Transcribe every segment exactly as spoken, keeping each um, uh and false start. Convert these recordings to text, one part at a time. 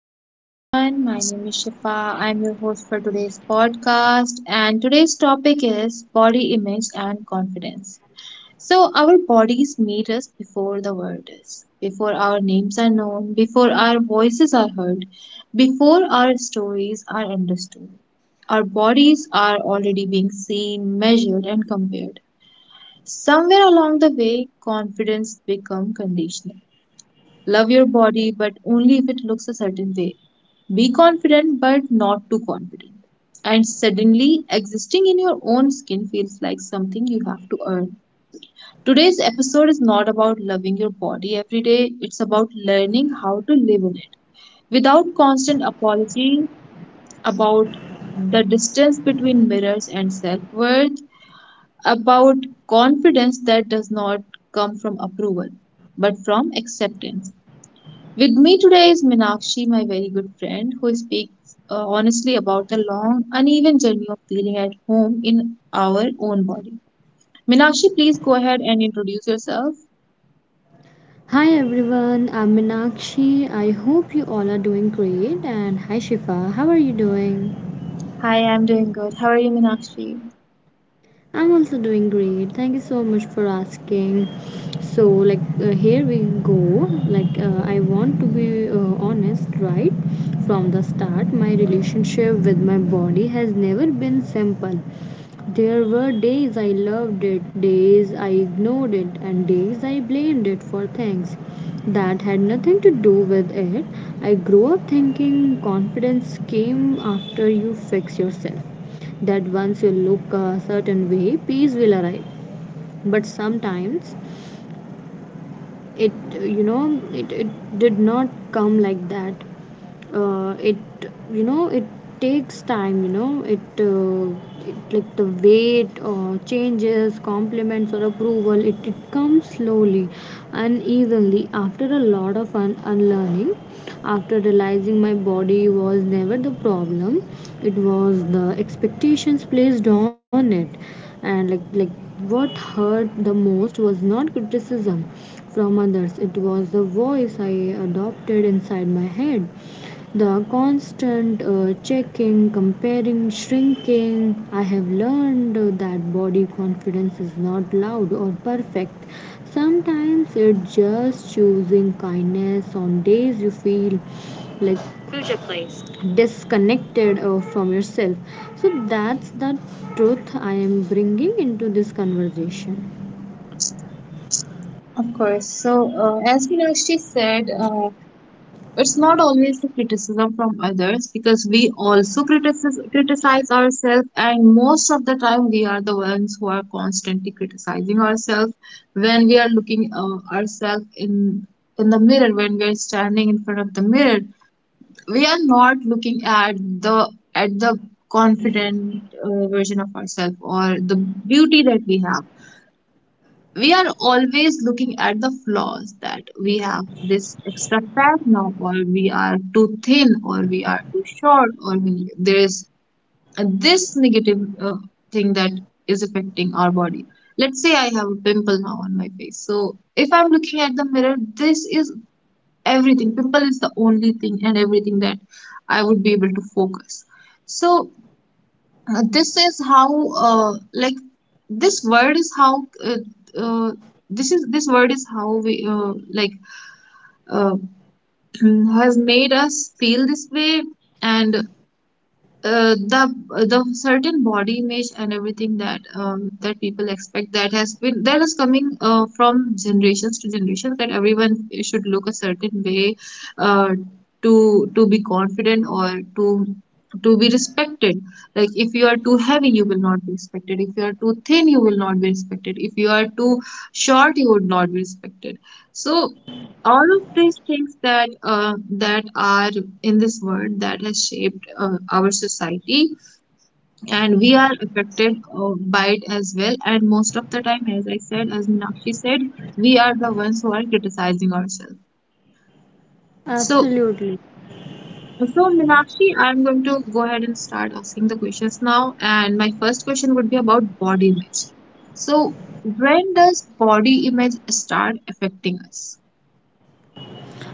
Hello everyone, my name is Shifa. I'm your host for today's podcast, and today's topic is body image and confidence. So, our bodies meet us before the world is, before our names are known, before our voices are heard, before our stories are understood. Our bodies are already being seen, measured, and compared. Somewhere along the way, confidence becomes conditional. Love your body, but only if it looks a certain way. Be confident, but not too confident. And suddenly, existing in your own skin feels like something you have to earn. Today's episode is not about loving your body every day, it's about learning how to live in it without constant apology, about the distance between mirrors and self worth, about confidence that does not come from approval but from acceptance. With me today is Minakshi, my very good friend, who speaks uh, honestly about the long, uneven journey of feeling at home in our own body. Minakshi, please go ahead and introduce yourself. Hi everyone, I'm Minakshi. I hope you all are doing great. And hi Shifa, how are you doing? Hi, I'm doing good. How are you, Minakshi? I'm also doing great. Thank you so much for asking. So, like, uh, here we go. Like, uh, I want to be uh, honest right from the start. My relationship with my body has never been simple. There were days I loved it, days I ignored it, and days I blamed it for things that had nothing to do with it. I grew up thinking confidence came after you fix yourself, that once you look a certain way, peace will arrive. But sometimes it, you know, it, it did not come like that. uh, it you know it takes time. You know it, uh, it like the weight uh, changes, compliments or approval, it, it comes slowly and easily after a lot of un- unlearning, after realizing my body was never the problem. It was the expectations placed on it. And like like what hurt the most was not criticism from others, it was the voice I adopted inside my head, the constant uh, checking, comparing, shrinking. I have learned uh, that body confidence is not loud or perfect. Sometimes it's just choosing kindness on days you feel like disconnected uh, from yourself. So that's the truth I am bringing into this conversation. Of course. So, uh, as Minakshi said, uh, it's not always the criticism from others because we also criticize, criticize ourselves, and most of the time we are the ones who are constantly criticizing ourselves when we are looking uh, ourselves in in the mirror. When we are standing in front of the mirror, we are not looking at the at the confident uh, version of ourselves or the beauty that we have. We are always looking at the flaws that we have, this extra fat now, or we are too thin, or we are too short, or we, there is this negative uh, thing that is affecting our body. Let's say I have a pimple now on my face, so if I'm looking at the mirror, this is everything. Pimple is the only thing and everything that I would be able to focus. So uh, this is how, uh, like this word is how, uh, uh, this is, this word is how we, uh, like uh, has made us feel this way. And uh, the the certain body image and everything that um, that people expect, that has been, that is coming uh, from generations to generations, that everyone should look a certain way, uh, to to be confident or to to be respected. Like if you are too heavy, you will not be respected. If you are too thin, you will not be respected. If you are too short, you would not be respected. So all of these things that, uh, that are in this world, that has shaped uh, our society, and we are affected uh, by it as well. And most of the time, as I said, as Minakshi said, we are the ones who are criticizing ourselves. So, Absolutely. so Minakshi, I'm going to go ahead and start asking the questions now, and my first question would be about body image. So, when does body image start affecting us?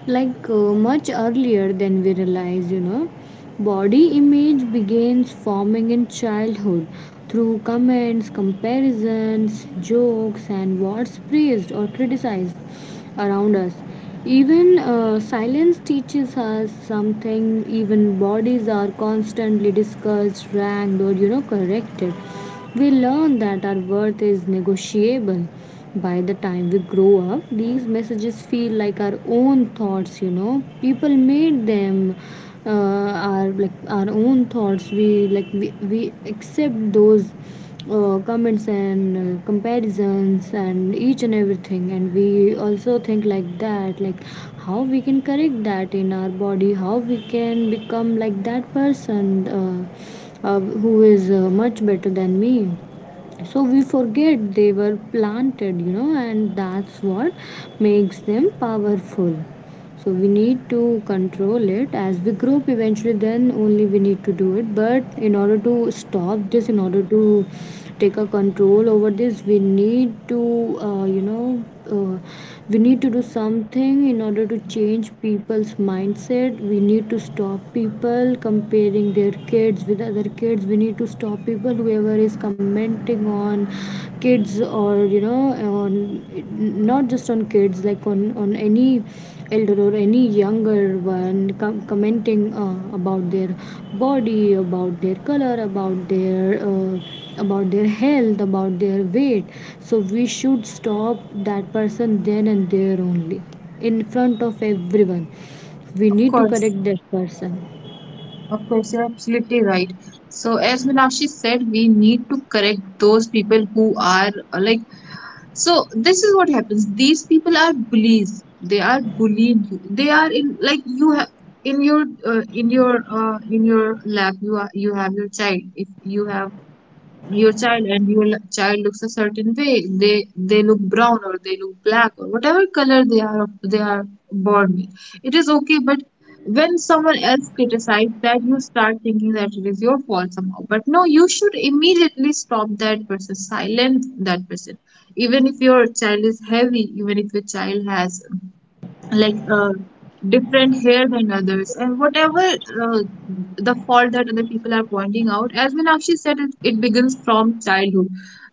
like uh, Much earlier than we realize, you know, body image begins forming in childhood through comments, comparisons, jokes, and what's praised or criticized around us. Even uh, silence teaches us something. Even bodies are constantly discussed, ranked, or, you know, corrected. We learn that our worth is negotiable. By the time we grow up, these messages feel like our own thoughts. You know, people made them uh, our like our own thoughts. We like we, we accept those uh, comments and uh, comparisons and each and everything. And we also think like that, like how we can correct that in our body, how we can become like that person, uh, uh, who is uh, much better than me. So we forget they were planted, you know, and that's what makes them powerful. So we need to control it as we grow up eventually, then only we need to do it. But in order to stop this, in order to take a control over this, we need to uh, you know uh, we need to do something in order to change people's mindset. We need to stop people comparing their kids with other kids. We need to stop people whoever is commenting on kids, or, you know, on not just on kids, like on on any elder or any younger one com- commenting uh, about their body, about their color, about their uh, about their health, about their weight. So we should stop that person then and there only, in front of everyone. We Of need to course. correct that person. Of course, you're absolutely right. So, as Meenakshi said, we need to correct those people who are uh, like, so this is what happens. These people are bullies. They are bullying you. They are in, like, you have in your, uh, in your, uh, in your lap. You are, you have your child. If you have your child, and your l- child looks a certain way, they they look brown, or they look black, or whatever color they are, they are born with, it is okay. But when someone else criticizes that, you start thinking that it is your fault somehow. But no, you should immediately stop that person, silence that person. Even if your child is heavy, even if your child has, like, uh, different hair than others, and whatever uh, the fault that other people are pointing out, as Meenakshi said, it, it begins from childhood,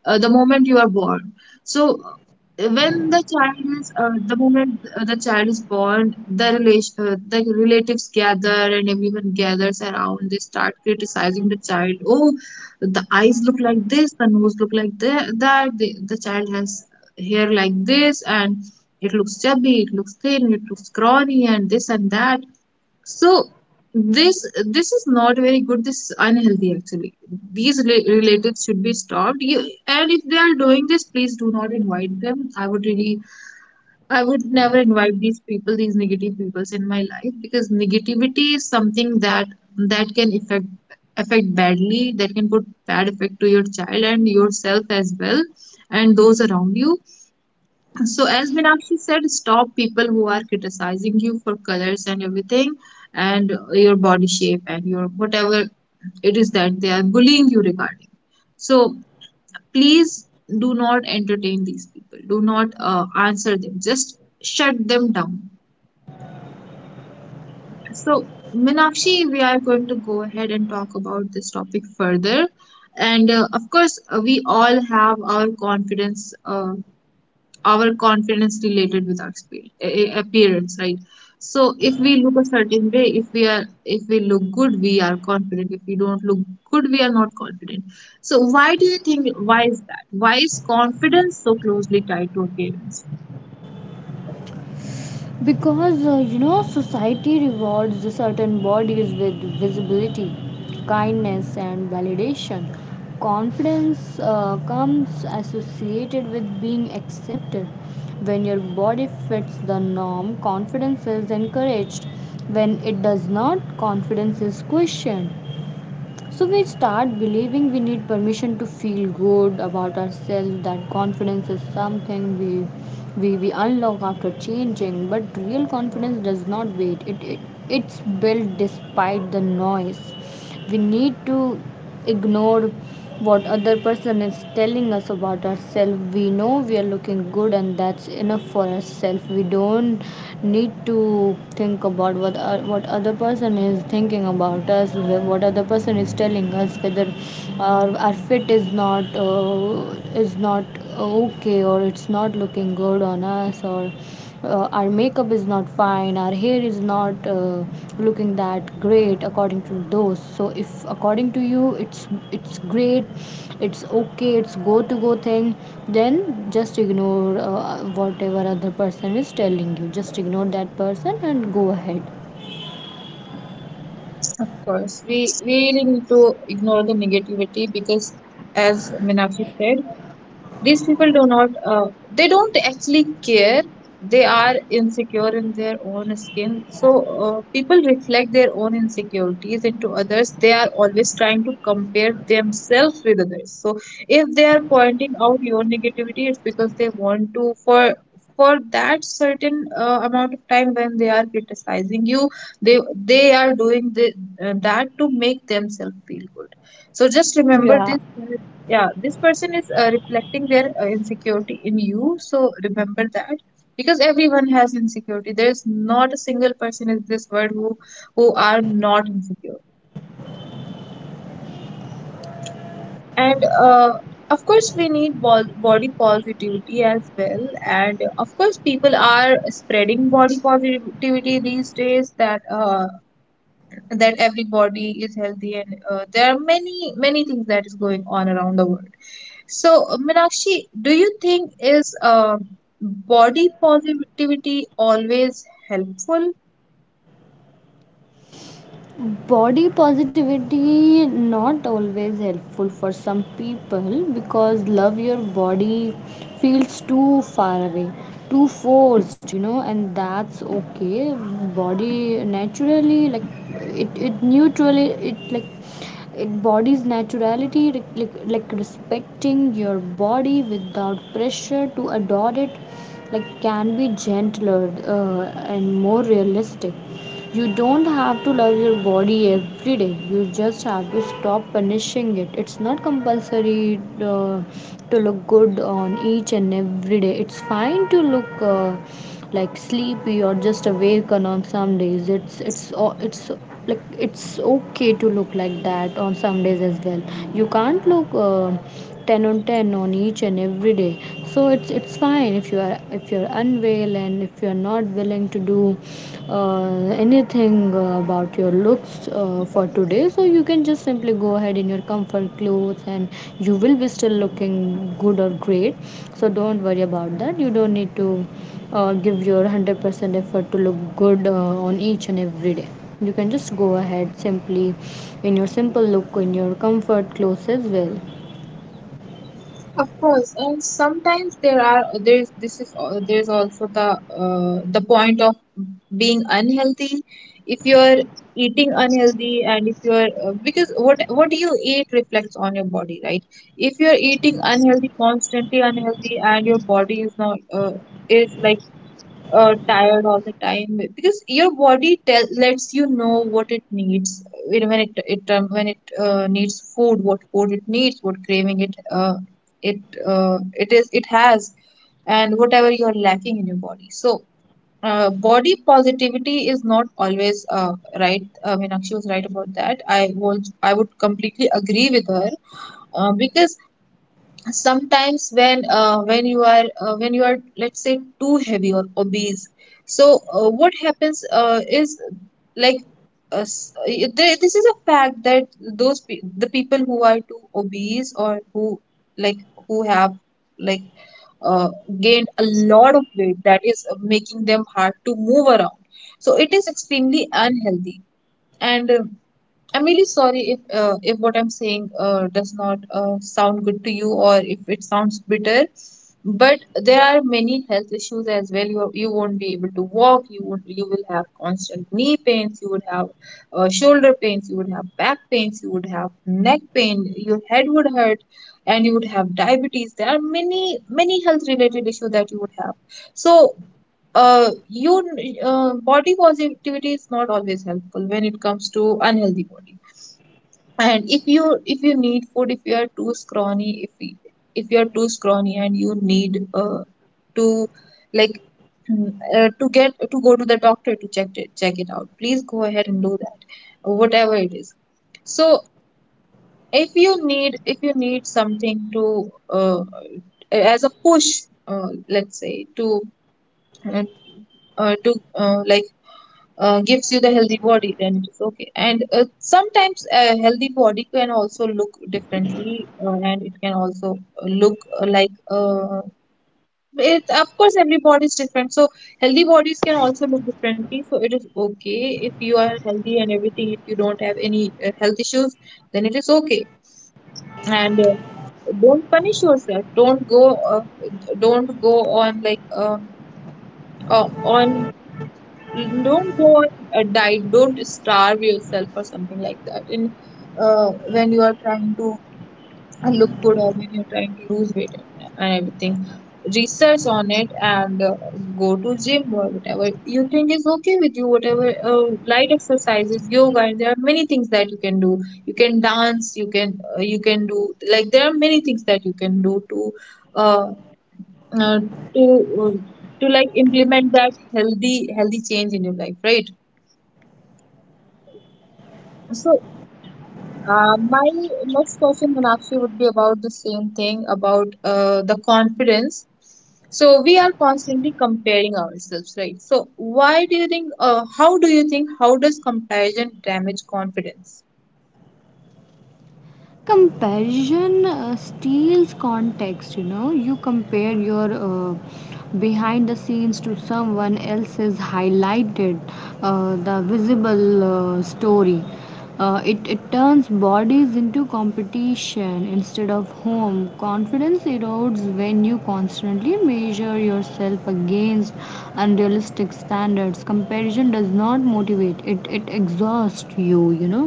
uh, the moment you are born. So uh, when the child is, uh, the moment, uh, the child is born, the relation uh, the relatives gather and everyone gathers around. They start criticizing the child. Oh, the eyes look like this, the nose look like tha- that, the, the child has hair like this, and it looks chubby, it looks thin, it looks scrawny, and this and that. So this this is not very good. This is unhealthy actually. These re- relatives should be stopped. You, and if they are doing this, please do not invite them. I would really, I would never invite these people, these negative peoples in my life, because negativity is something that that can affect affect badly, that can put bad effect to your child and yourself as well, and those around you. So, as Meenakshi said, stop people who are criticizing you for colors and everything, and your body shape and your whatever it is that they are bullying you regarding. So, please do not entertain these people. Do not uh, answer them. Just shut them down. So, Meenakshi, we are going to go ahead and talk about this topic further. And uh, of course, uh, we all have our confidence. Uh, our confidence related with our expe- a- appearance, right? So if we look a certain way, if we are, if we look good, we are confident. If we don't look good, we are not confident. So why do you think, why is that, why is confidence so closely tied to appearance? Because uh, you know, society rewards certain bodies with visibility, kindness, and validation. Confidence uh, comes associated with being accepted. When your body fits the norm, confidence is encouraged. When it does not, confidence is questioned. So we start believing we need permission to feel good about ourselves, that confidence is something we we, we unlock after changing, but real confidence does not wait. It, it it's built despite the noise. We need to ignore what other person is telling us about ourselves. We know we are looking good and that's enough for ourselves. We don't need to think about what uh, what other person is thinking about us, what other person is telling us, whether our, our fit is not uh, is not okay, or it's not looking good on us, or uh, our makeup is not fine, our hair is not uh, looking that great according to those. So if according to you it's it's great, it's okay, it's go to go thing, then just ignore uh, whatever other person is telling you. Just ignore that person and go ahead. Of course, we we really need to ignore the negativity because, as Minashi said, these people do not, uh, they don't actually care. They are insecure in their own skin. So uh, people reflect their own insecurities into others. They are always trying to compare themselves with others. So if they are pointing out your negativity, it's because they want to, for for that certain uh, amount of time when they are criticizing you, they they are doing the, uh, that to make themselves feel good. So just remember Yeah, this, yeah, this person is uh, reflecting their uh, insecurity in you, so remember that. Because everyone has insecurity, there's not a single person in this world who who are not insecure. And uh, of course we need bol- body positivity as well. And of course people are spreading body positivity these days, that uh, that everybody is healthy, and uh, there are many many things that is going on around the world. So, uh, Meenakshi, do you think is uh, body positivity always helpful? body positivity not always helpful for some people because love your body feels too far away, too forced, you know, and that's okay. body naturally like it it neutrally it like it Body's naturality, like, like like respecting your body without pressure to adore it, like, can be gentler uh, and more realistic. You don't have to love your body every day, you just have to stop punishing it. It's not compulsory uh, to look good on each and every day. It's fine to look uh, like sleepy or just awake on some days. It's it's o- it's like it's okay to look like that on some days as well. You can't look uh, ten on ten on each and every day. So it's it's fine if you are if you're unwell and if you're not willing to do uh, anything uh, about your looks uh, for today. So you can just simply go ahead in your comfort clothes and you will be still looking good or great. So don't worry about that. You don't need to uh, give your one hundred percent effort to look good uh, on each and every day. You can just go ahead simply in your simple look, in your comfort clothes as well. Of course, and sometimes there are, there's, this is al- there's also the uh, the point of being unhealthy. If you're eating unhealthy, and if you're uh, because what what you eat reflects on your body, right? If you're eating unhealthy, constantly unhealthy, and your body is not, uh, is like uh, tired all the time, because your body tell lets you know what it needs. You know, when it it um, when it uh, needs food, what food it needs, what craving it, uh, it uh, it is, it has, and whatever you're lacking in your body. So uh, body positivity is not always uh, right. Uh, Meenakshi was right about that. I was, I would completely agree with her, uh, because sometimes when, uh, when you are, uh, when you are, let's say, too heavy or obese. So uh, what happens uh, is, like, uh, s- it- there- this is a fact that those pe the people who are too obese, or who, like, who have, like, uh, gained a lot of weight that is uh, making them hard to move around, so it is extremely unhealthy. And uh, I'm really sorry if, uh, if what I'm saying uh, does not uh, sound good to you, or if it sounds bitter, but there are many health issues as well. You you won't be able to walk. You won't, you will have constant knee pains. You would have uh, shoulder pains. You would have back pains. You would have neck pain. Your head would hurt, and you would have diabetes. There are many many health related issues that you would have. So uh, you uh, body positivity is not always helpful when it comes to unhealthy body. And if you, if you need food, if you are too scrawny, if y- if you are too scrawny and you need, uh, to, like, mm, uh, to get to go to the doctor to check it check it out, please go ahead and do that, whatever it is. So if you need, if you need something to, uh, as a push, uh, let's say to uh, uh, to uh, like uh, gives you the healthy body, then it's okay. And uh, sometimes a healthy body can also look differently, uh, and it can also uh, look uh, like uh, it. Of course, every body is different, so healthy bodies can also look differently. So it is okay if you are healthy and everything. If you don't have any uh, health issues, then it is okay. And uh, Don't punish yourself. Don't go. Uh, don't go on like um uh, on don't go on a diet, don't starve yourself or something like that in uh, when you are trying to uh, look good, or when you're trying to lose weight and and everything. Research on it, and uh, go to gym or whatever you think is okay with you, whatever uh, light exercises, yoga, and there are many things that you can do. You can dance, you can uh, you can do, like, there are many things that you can do to uh, uh, to uh, to, like, implement that healthy healthy change in your life, right? So, uh, my next question, Meenakshi, would be about the same thing, about uh, the confidence. So, we are constantly comparing ourselves, right? So, why do you think, uh, how do you think, how does comparison damage confidence? Comparison uh, steals context, you know. You compare your uh, behind the scenes to someone else's highlighted, uh, the visible uh, story. Uh, it, it turns bodies into competition instead of home. Confidence erodes when you constantly measure yourself against unrealistic standards. Comparison does not motivate, it, it exhausts you, you know.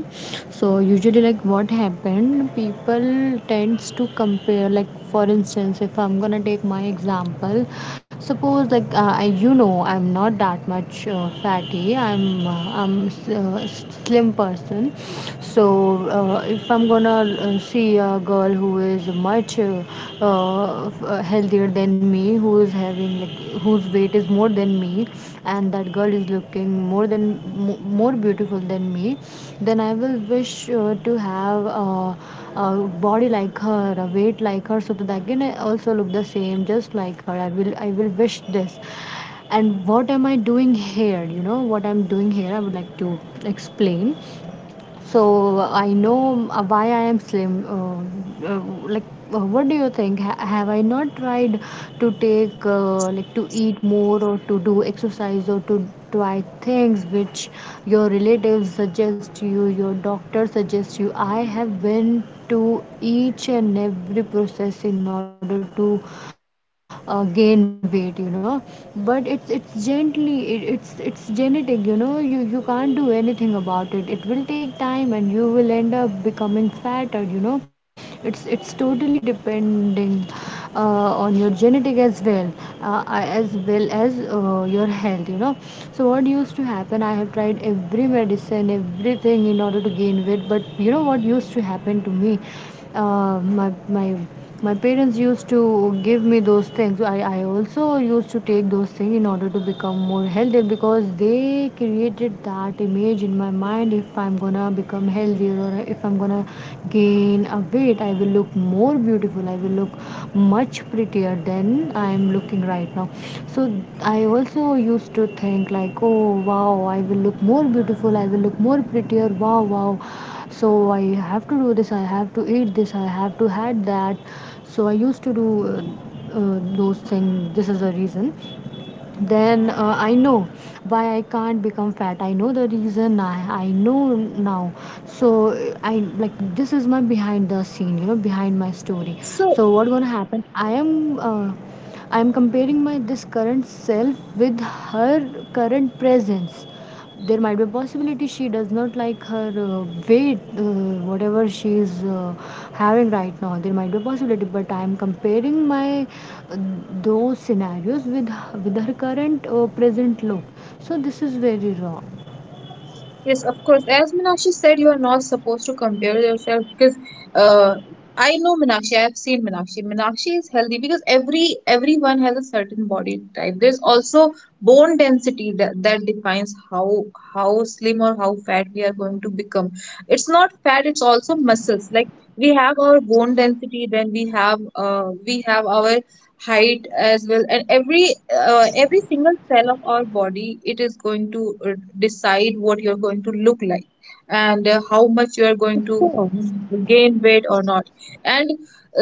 So, usually, like what happened, people tends to compare, like for instance, if I'm gonna take my example, suppose like uh, I- you know, I'm not that much uh, fatty. I'm uh, I'm uh, slim person. So uh, if I'm gonna uh, see a girl who is much uh, uh, uh, healthier than me, who is having, like, whose weight is more than me, and that girl is looking more than more beautiful than me, then I will wish uh, to have uh, a body like her, a weight like her, so that I can also look the same, just like her. I will, I will wish this. And what am I doing here? You know what I'm doing here. I would like to explain. So I know uh, why I am slim. Uh, uh, like, uh, what do you think? Ha- have I not tried to take, uh, like, to eat more or to do exercise or to try things which your relatives suggest you, your doctor suggests you? I have been to each and every process in order to uh, gain weight, you know. But it's it's gently, it, it's it's genetic, you know. You you can't do anything about it. It will take time and you will end up becoming fatter, you know. It's it's totally depending uh, on your genetic as well, uh, as well as uh, your health, you know. So what used to happen, I have tried every medicine, everything in order to gain weight. But you know what used to happen to me, uh, my my my parents used to give me those things. I, I also used to take those things in order to become more healthy, because they created that image in my mind. If I'm gonna become healthier or if I'm gonna gain a weight, I will look more beautiful, I will look much prettier than I'm looking right now. So I also used to think like, oh wow, I will look more beautiful, I will look more prettier, wow wow. So I have to do this, I have to eat this, I have to had that. So I used to do uh, uh, those things. This is the reason. Then uh, I know why I can't become fat. I know the reason. I, I know now. So I, like, this is my behind the scene, you know, behind my story. So So. what gonna happen, i am uh, i am comparing my this current self with her current presence. There might be a possibility she does not like her uh, weight, uh, whatever she is uh, having right now. There might be a possibility, but I am comparing my uh, those scenarios with with her current uh, present look. So this is very wrong. Yes, of course. As Meenakshi said, you are not supposed to compare yourself because uh, I know Meenakshi. I've seen Meenakshi. Meenakshi is healthy because every everyone has a certain body type. There's also bone density that, that defines how how slim or how fat we are going to become. It's not fat, it's also muscles. Like, we have our bone density, then we have uh, we have our height as well, and every uh, every single cell of our body, it is going to uh, decide what you're going to look like, and uh, how much you are going to mm, gain weight or not. And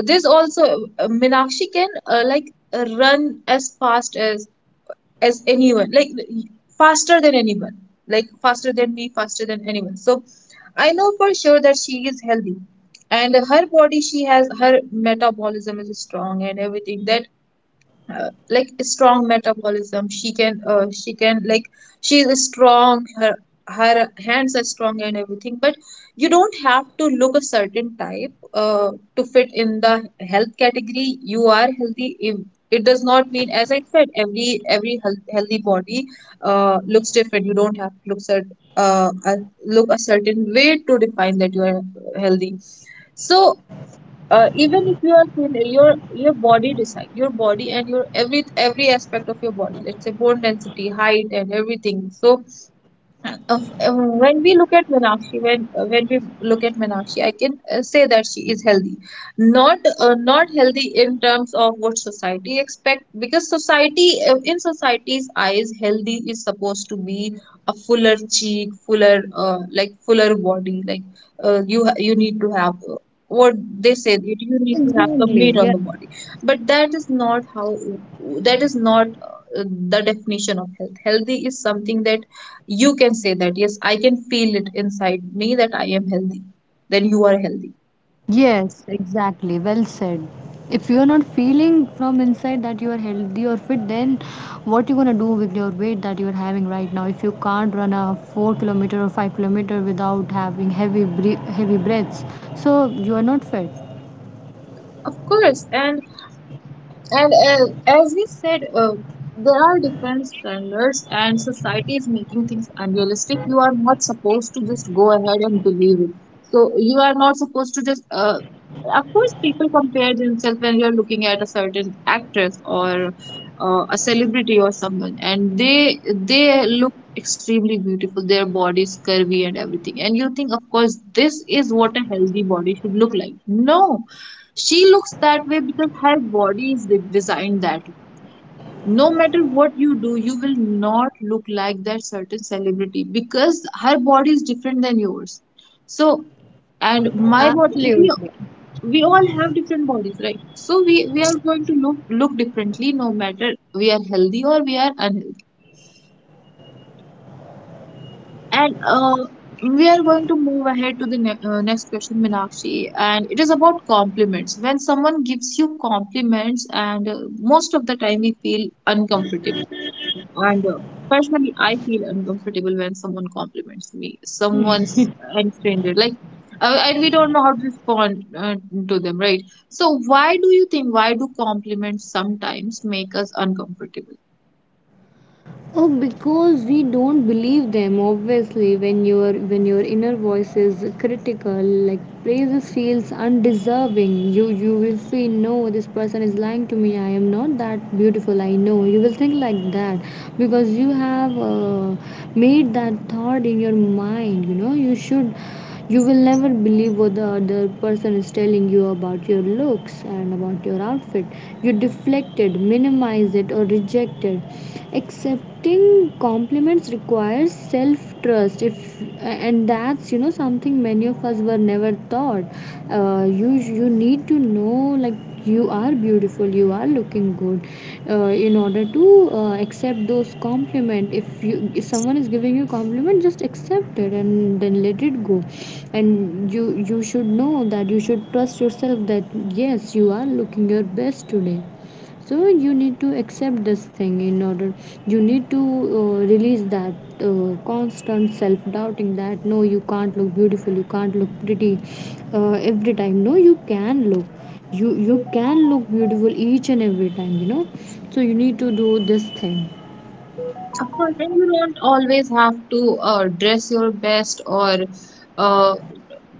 this also, uh, Meenakshi can, uh, like, uh, run as fast as as anyone, like faster than anyone, like faster than me, faster than anyone. So I know for sure that she is healthy, and her body, she has, her metabolism is strong and everything, that uh, like strong metabolism. She can uh, she can, like, she is strong, her her hands are strong and everything. But you don't have to look a certain type uh, to fit in the health category. You are healthy if, it does not mean, as I said, every every health, healthy body uh, looks different. You don't have to look cert, uh, uh, look a certain way to define that you are healthy. So uh, even if you are thin, your your body decide, your body and your every every aspect of your body, let's say bone density, height and everything. So of uh, when we look at Meenakshi, when uh, when we look at Meenakshi, I can uh, say that she is healthy, not uh, not healthy in terms of what society expect, because society uh, in society's eyes, healthy is supposed to be a fuller cheek, fuller, uh, like fuller body, like uh, you ha- you need to have. Uh, what they say, that Exactly. Yeah. you need to have some meat on the body. But that is not how, that is not uh, the definition of health. Healthy is something that you can say that, yes, I can feel it inside me that I am healthy, then you are healthy. Yes, exactly. Well said. If you are not feeling from inside that you are healthy or fit, then what you gonna do with your weight that you are having right now? If you can't run a four kilometer or five kilometer without having heavy bre- heavy breaths, so you are not fit. Of course. And And uh, as we said, uh, there are different standards, and society is making things unrealistic. You are not supposed to just go ahead and believe it. So you are not supposed to just. Uh, of course, people compare themselves when you're looking at a certain actress or uh, a celebrity or someone, and they they look extremely beautiful. Their body is curvy and everything, and you think, of course, this is what a healthy body should look like. No, she looks that way because her body is de- designed that way. No matter what you do, you will not look like that certain celebrity because her body is different than yours. So, and my body, we, Absolutely. we all have different bodies, right? So we, we are going to look look differently, no matter we are healthy or we are unhealthy. And uh, we are going to move ahead to the ne uh, next question, Meenakshi. And it is about compliments. When someone gives you compliments, and uh, most of the time we feel uncomfortable. And uh, personally, I feel uncomfortable when someone compliments me, someone's and stranger. Like, uh, and we don't know how to respond uh, to them, right? So, why do you think, why do compliments sometimes make us uncomfortable? Oh, because we don't believe them. Obviously, when your when your inner voice is critical, like praises feels undeserving. You you will feel, no, this person is lying to me, I am not that beautiful. I know you will think like that because you have uh, made that thought in your mind. You know you should you will never believe what the other person is telling you about your looks and about your outfit. You deflect it, minimize it, or reject it. Accepting compliments requires self trust, if and that's you know something many of us were never taught. Uh, you you need to know like you are beautiful you are looking good uh, in order to uh, accept those compliment. If you if someone is giving you compliment, just accept it and then let it go. And you you should know that you should trust yourself that yes, you are looking your best today. So you need to accept this thing. In order you need to uh, release that uh, constant self doubting that no, you can't look beautiful, you can't look pretty uh, every time. No, you can look, you you can look beautiful each and every time, you know. So you need to do this thing. Of course. Then you don't always have to uh, dress your best, or uh,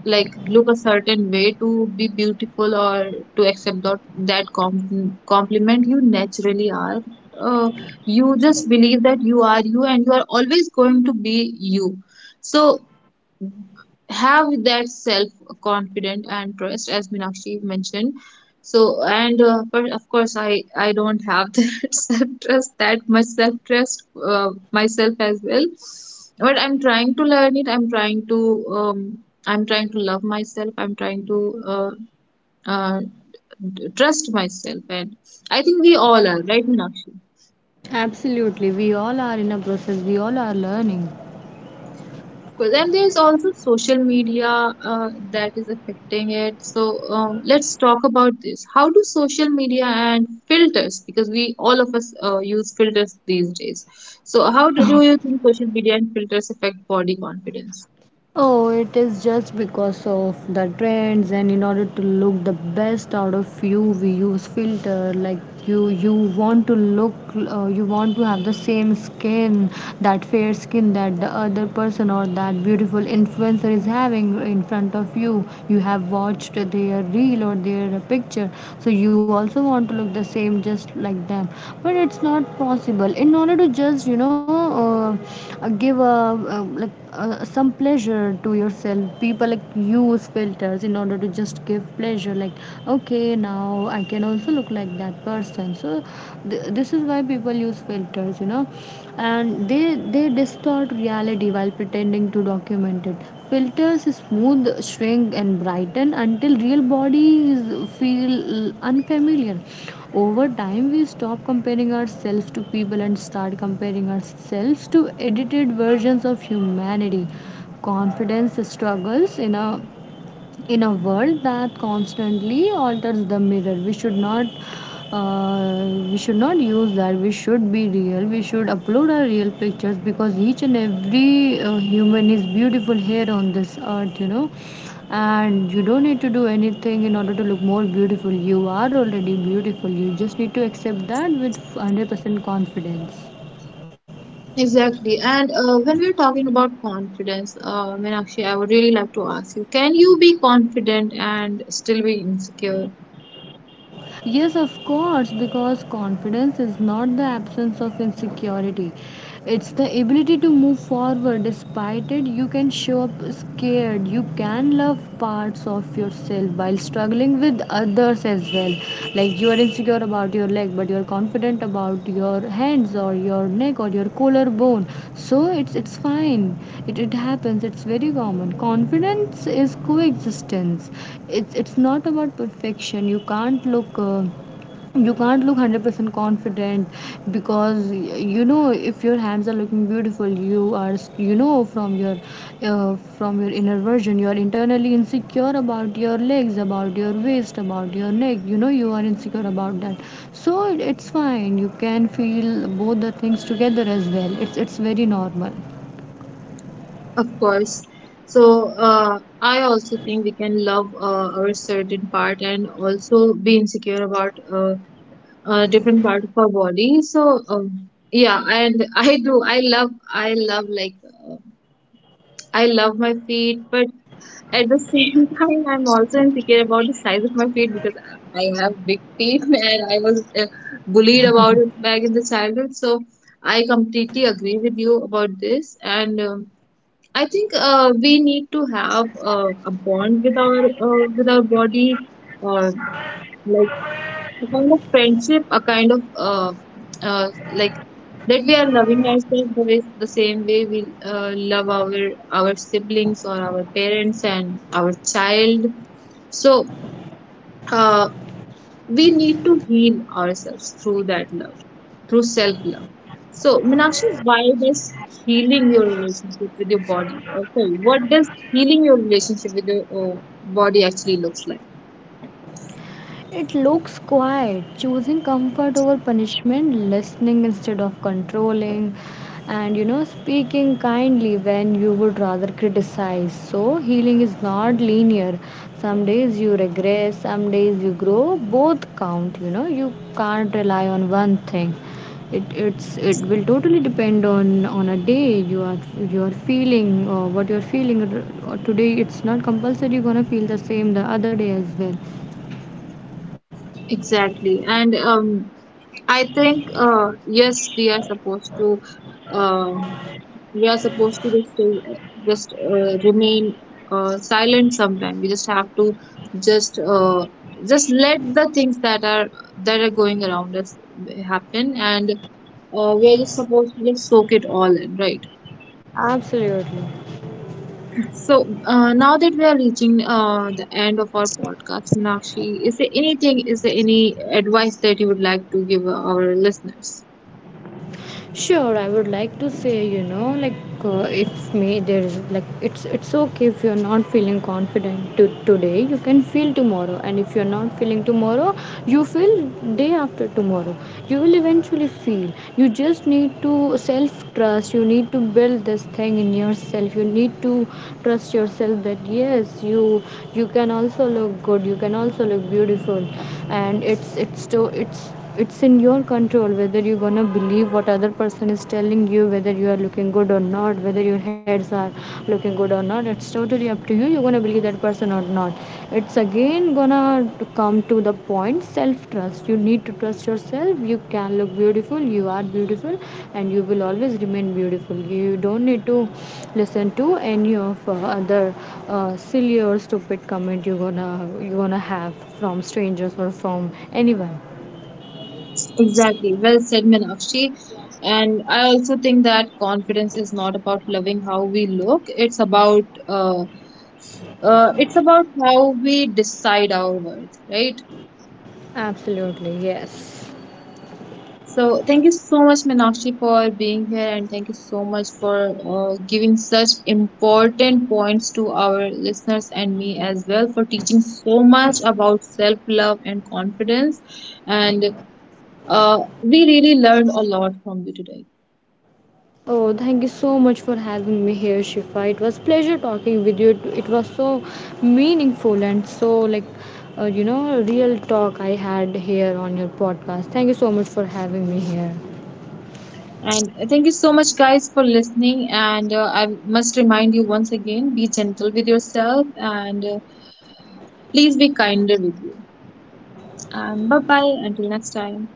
like look a certain way to be beautiful, or to accept that, that com- compliment. You naturally are. Uh, you just believe that you are you, and you are always going to be you. So have that self confident and trust, as Minakshi mentioned. So, and uh, but of course, I I don't have that self trust, that much self trust uh, myself as well. But I'm trying to learn it. I'm trying to um I'm trying to love myself. I'm trying to uh, uh, d- trust myself, and I think we all are, right, Minakshi? Absolutely, we all are in a process, we all are learning. Course. And there's also social media uh, that is affecting it. So, um, let's talk about this. How do social media and filters, because we all of us uh, use filters these days. So how do, do you think social media and filters affect body confidence? Oh, it is just because of the trends, and in order to look the best out of you, we use filter. Like you you want to look, uh, you want to have the same skin, that fair skin that the other person or that beautiful influencer is having in front of you. You have watched their reel or their picture, so you also want to look the same just like them, but it's not possible. In order to just, you know, uh, uh, give a, uh, like uh, some pleasure to yourself, people like use filters in order to just give pleasure, like okay, now I can also look like that person. So th- this is why people use filters, you know. And and they they distort reality while pretending to document it. Filters smooth, shrink and brighten until real bodies feel unfamiliar. Over time, we stop comparing ourselves to people and start comparing ourselves to edited versions of humanity. Confidence struggles in a in a world that constantly alters the mirror. We should not, uh, we should not use that. We should be real, we should upload our real pictures, because each and every uh, human is beautiful here on this earth, you know. And you don't need to do anything in order to look more beautiful. You are already beautiful, you just need to accept that with one hundred percent confidence. Exactly. And uh, when we're talking about confidence, uh, Meenakshi, I would really like to ask you, can you be confident and still be insecure? Yes, of course, because confidence is not the absence of insecurity. It's the ability to move forward. Despite it, you can show up scared. You can love parts of yourself while struggling with others as well. Like like you are insecure about your leg but you're confident about your hands or your neck or your collarbone. So it's it's fine. It, it happens, it's very common. Confidence is coexistence. It's it's not about perfection. You can't look uh, you can't look one hundred percent confident, because you know, if your hands are looking beautiful, you are, you know, from your uh, from your inner version, you are internally insecure about your legs, about your waist, about your neck, you know, you are insecure about that. So it's fine, you can feel both the things together as well. It's it's very normal. Of course. So, uh, I also think we can love uh, our certain part, and also be insecure about uh, a different part of our body. So, um, yeah, and I do. I love, I love, like, uh, I love my feet, but at the same time, I'm also insecure about the size of my feet, because I I have big feet and I was uh, bullied about it back in the childhood. So, I completely agree with you about this and. Um, I think uh, we need to have uh, a bond with our uh, with our body, uh, like a kind of friendship, a kind of, uh, uh, like, that we are loving ourselves the way, the same way we uh, love our our siblings or our parents and our child. So uh, we need to heal ourselves through that love, through self love. So, Meenakshi, why does healing your relationship with your body, okay, what does healing your relationship with your uh, body actually looks like? It looks quiet, choosing comfort over punishment, listening instead of controlling, and you know, speaking kindly when you would rather criticize. So, healing is not linear. Some days you regress, some days you grow. Both count, you know, you can't rely on one thing. It, it's it will totally depend on on a day you are you are feeling, or what you are feeling r- uh, today. It's not compulsory you're gonna feel the same the other day as well. Exactly, and um, I think uh, yes, we are supposed to um, we are supposed to just uh, just uh, remain uh, silent sometimes. We just have to just uh, just let the things that are that are going around us happen, and uh, where you're supposed to just soak it all in, right? Absolutely. So uh, now that we are reaching uh, the end of our podcast, Sonakshi, is there anything, is there any advice that you would like to give our listeners? Sure, I would like to say, you know, like uh, if me there is like it's it's okay if you're not feeling confident to, today, you can feel tomorrow, and if you're not feeling tomorrow, you feel day after tomorrow. You will eventually feel. You just need to self trust. You need to build this thing in yourself. You need to trust yourself that yes, you you can also look good. You can also look beautiful, and it's it's to it's it's in your control whether you're gonna believe what other person is telling you, whether you are looking good or not, whether your heads are looking good or not. It's totally up to you, you're gonna believe that person or not. It's again gonna come to the point self trust. You need to trust yourself, you can look beautiful, you are beautiful, and you will always remain beautiful. You don't need to listen to any of uh, other uh, silly or stupid comment you're gonna you're gonna have from strangers or from anyone. Exactly. Well said, Meenakshi. And I also think that confidence is not about loving how we look. It's about uh, uh, it's about how we decide our worth, right? Absolutely, yes. So thank you so much, Meenakshi, for being here, and thank you so much for uh, giving such important points to our listeners, and me as well, for teaching so much about self-love and confidence. And uh, we really learned a lot from you today. Oh, thank you so much for having me here, Shifa. It was pleasure talking with you. It it was so meaningful and so like uh, you know, real talk I had here on your podcast. Thank you so much for having me here. And thank you so much, guys, for listening. And uh, I must remind you once again: be gentle with yourself, and uh, please be kinder with you. And bye bye until next time.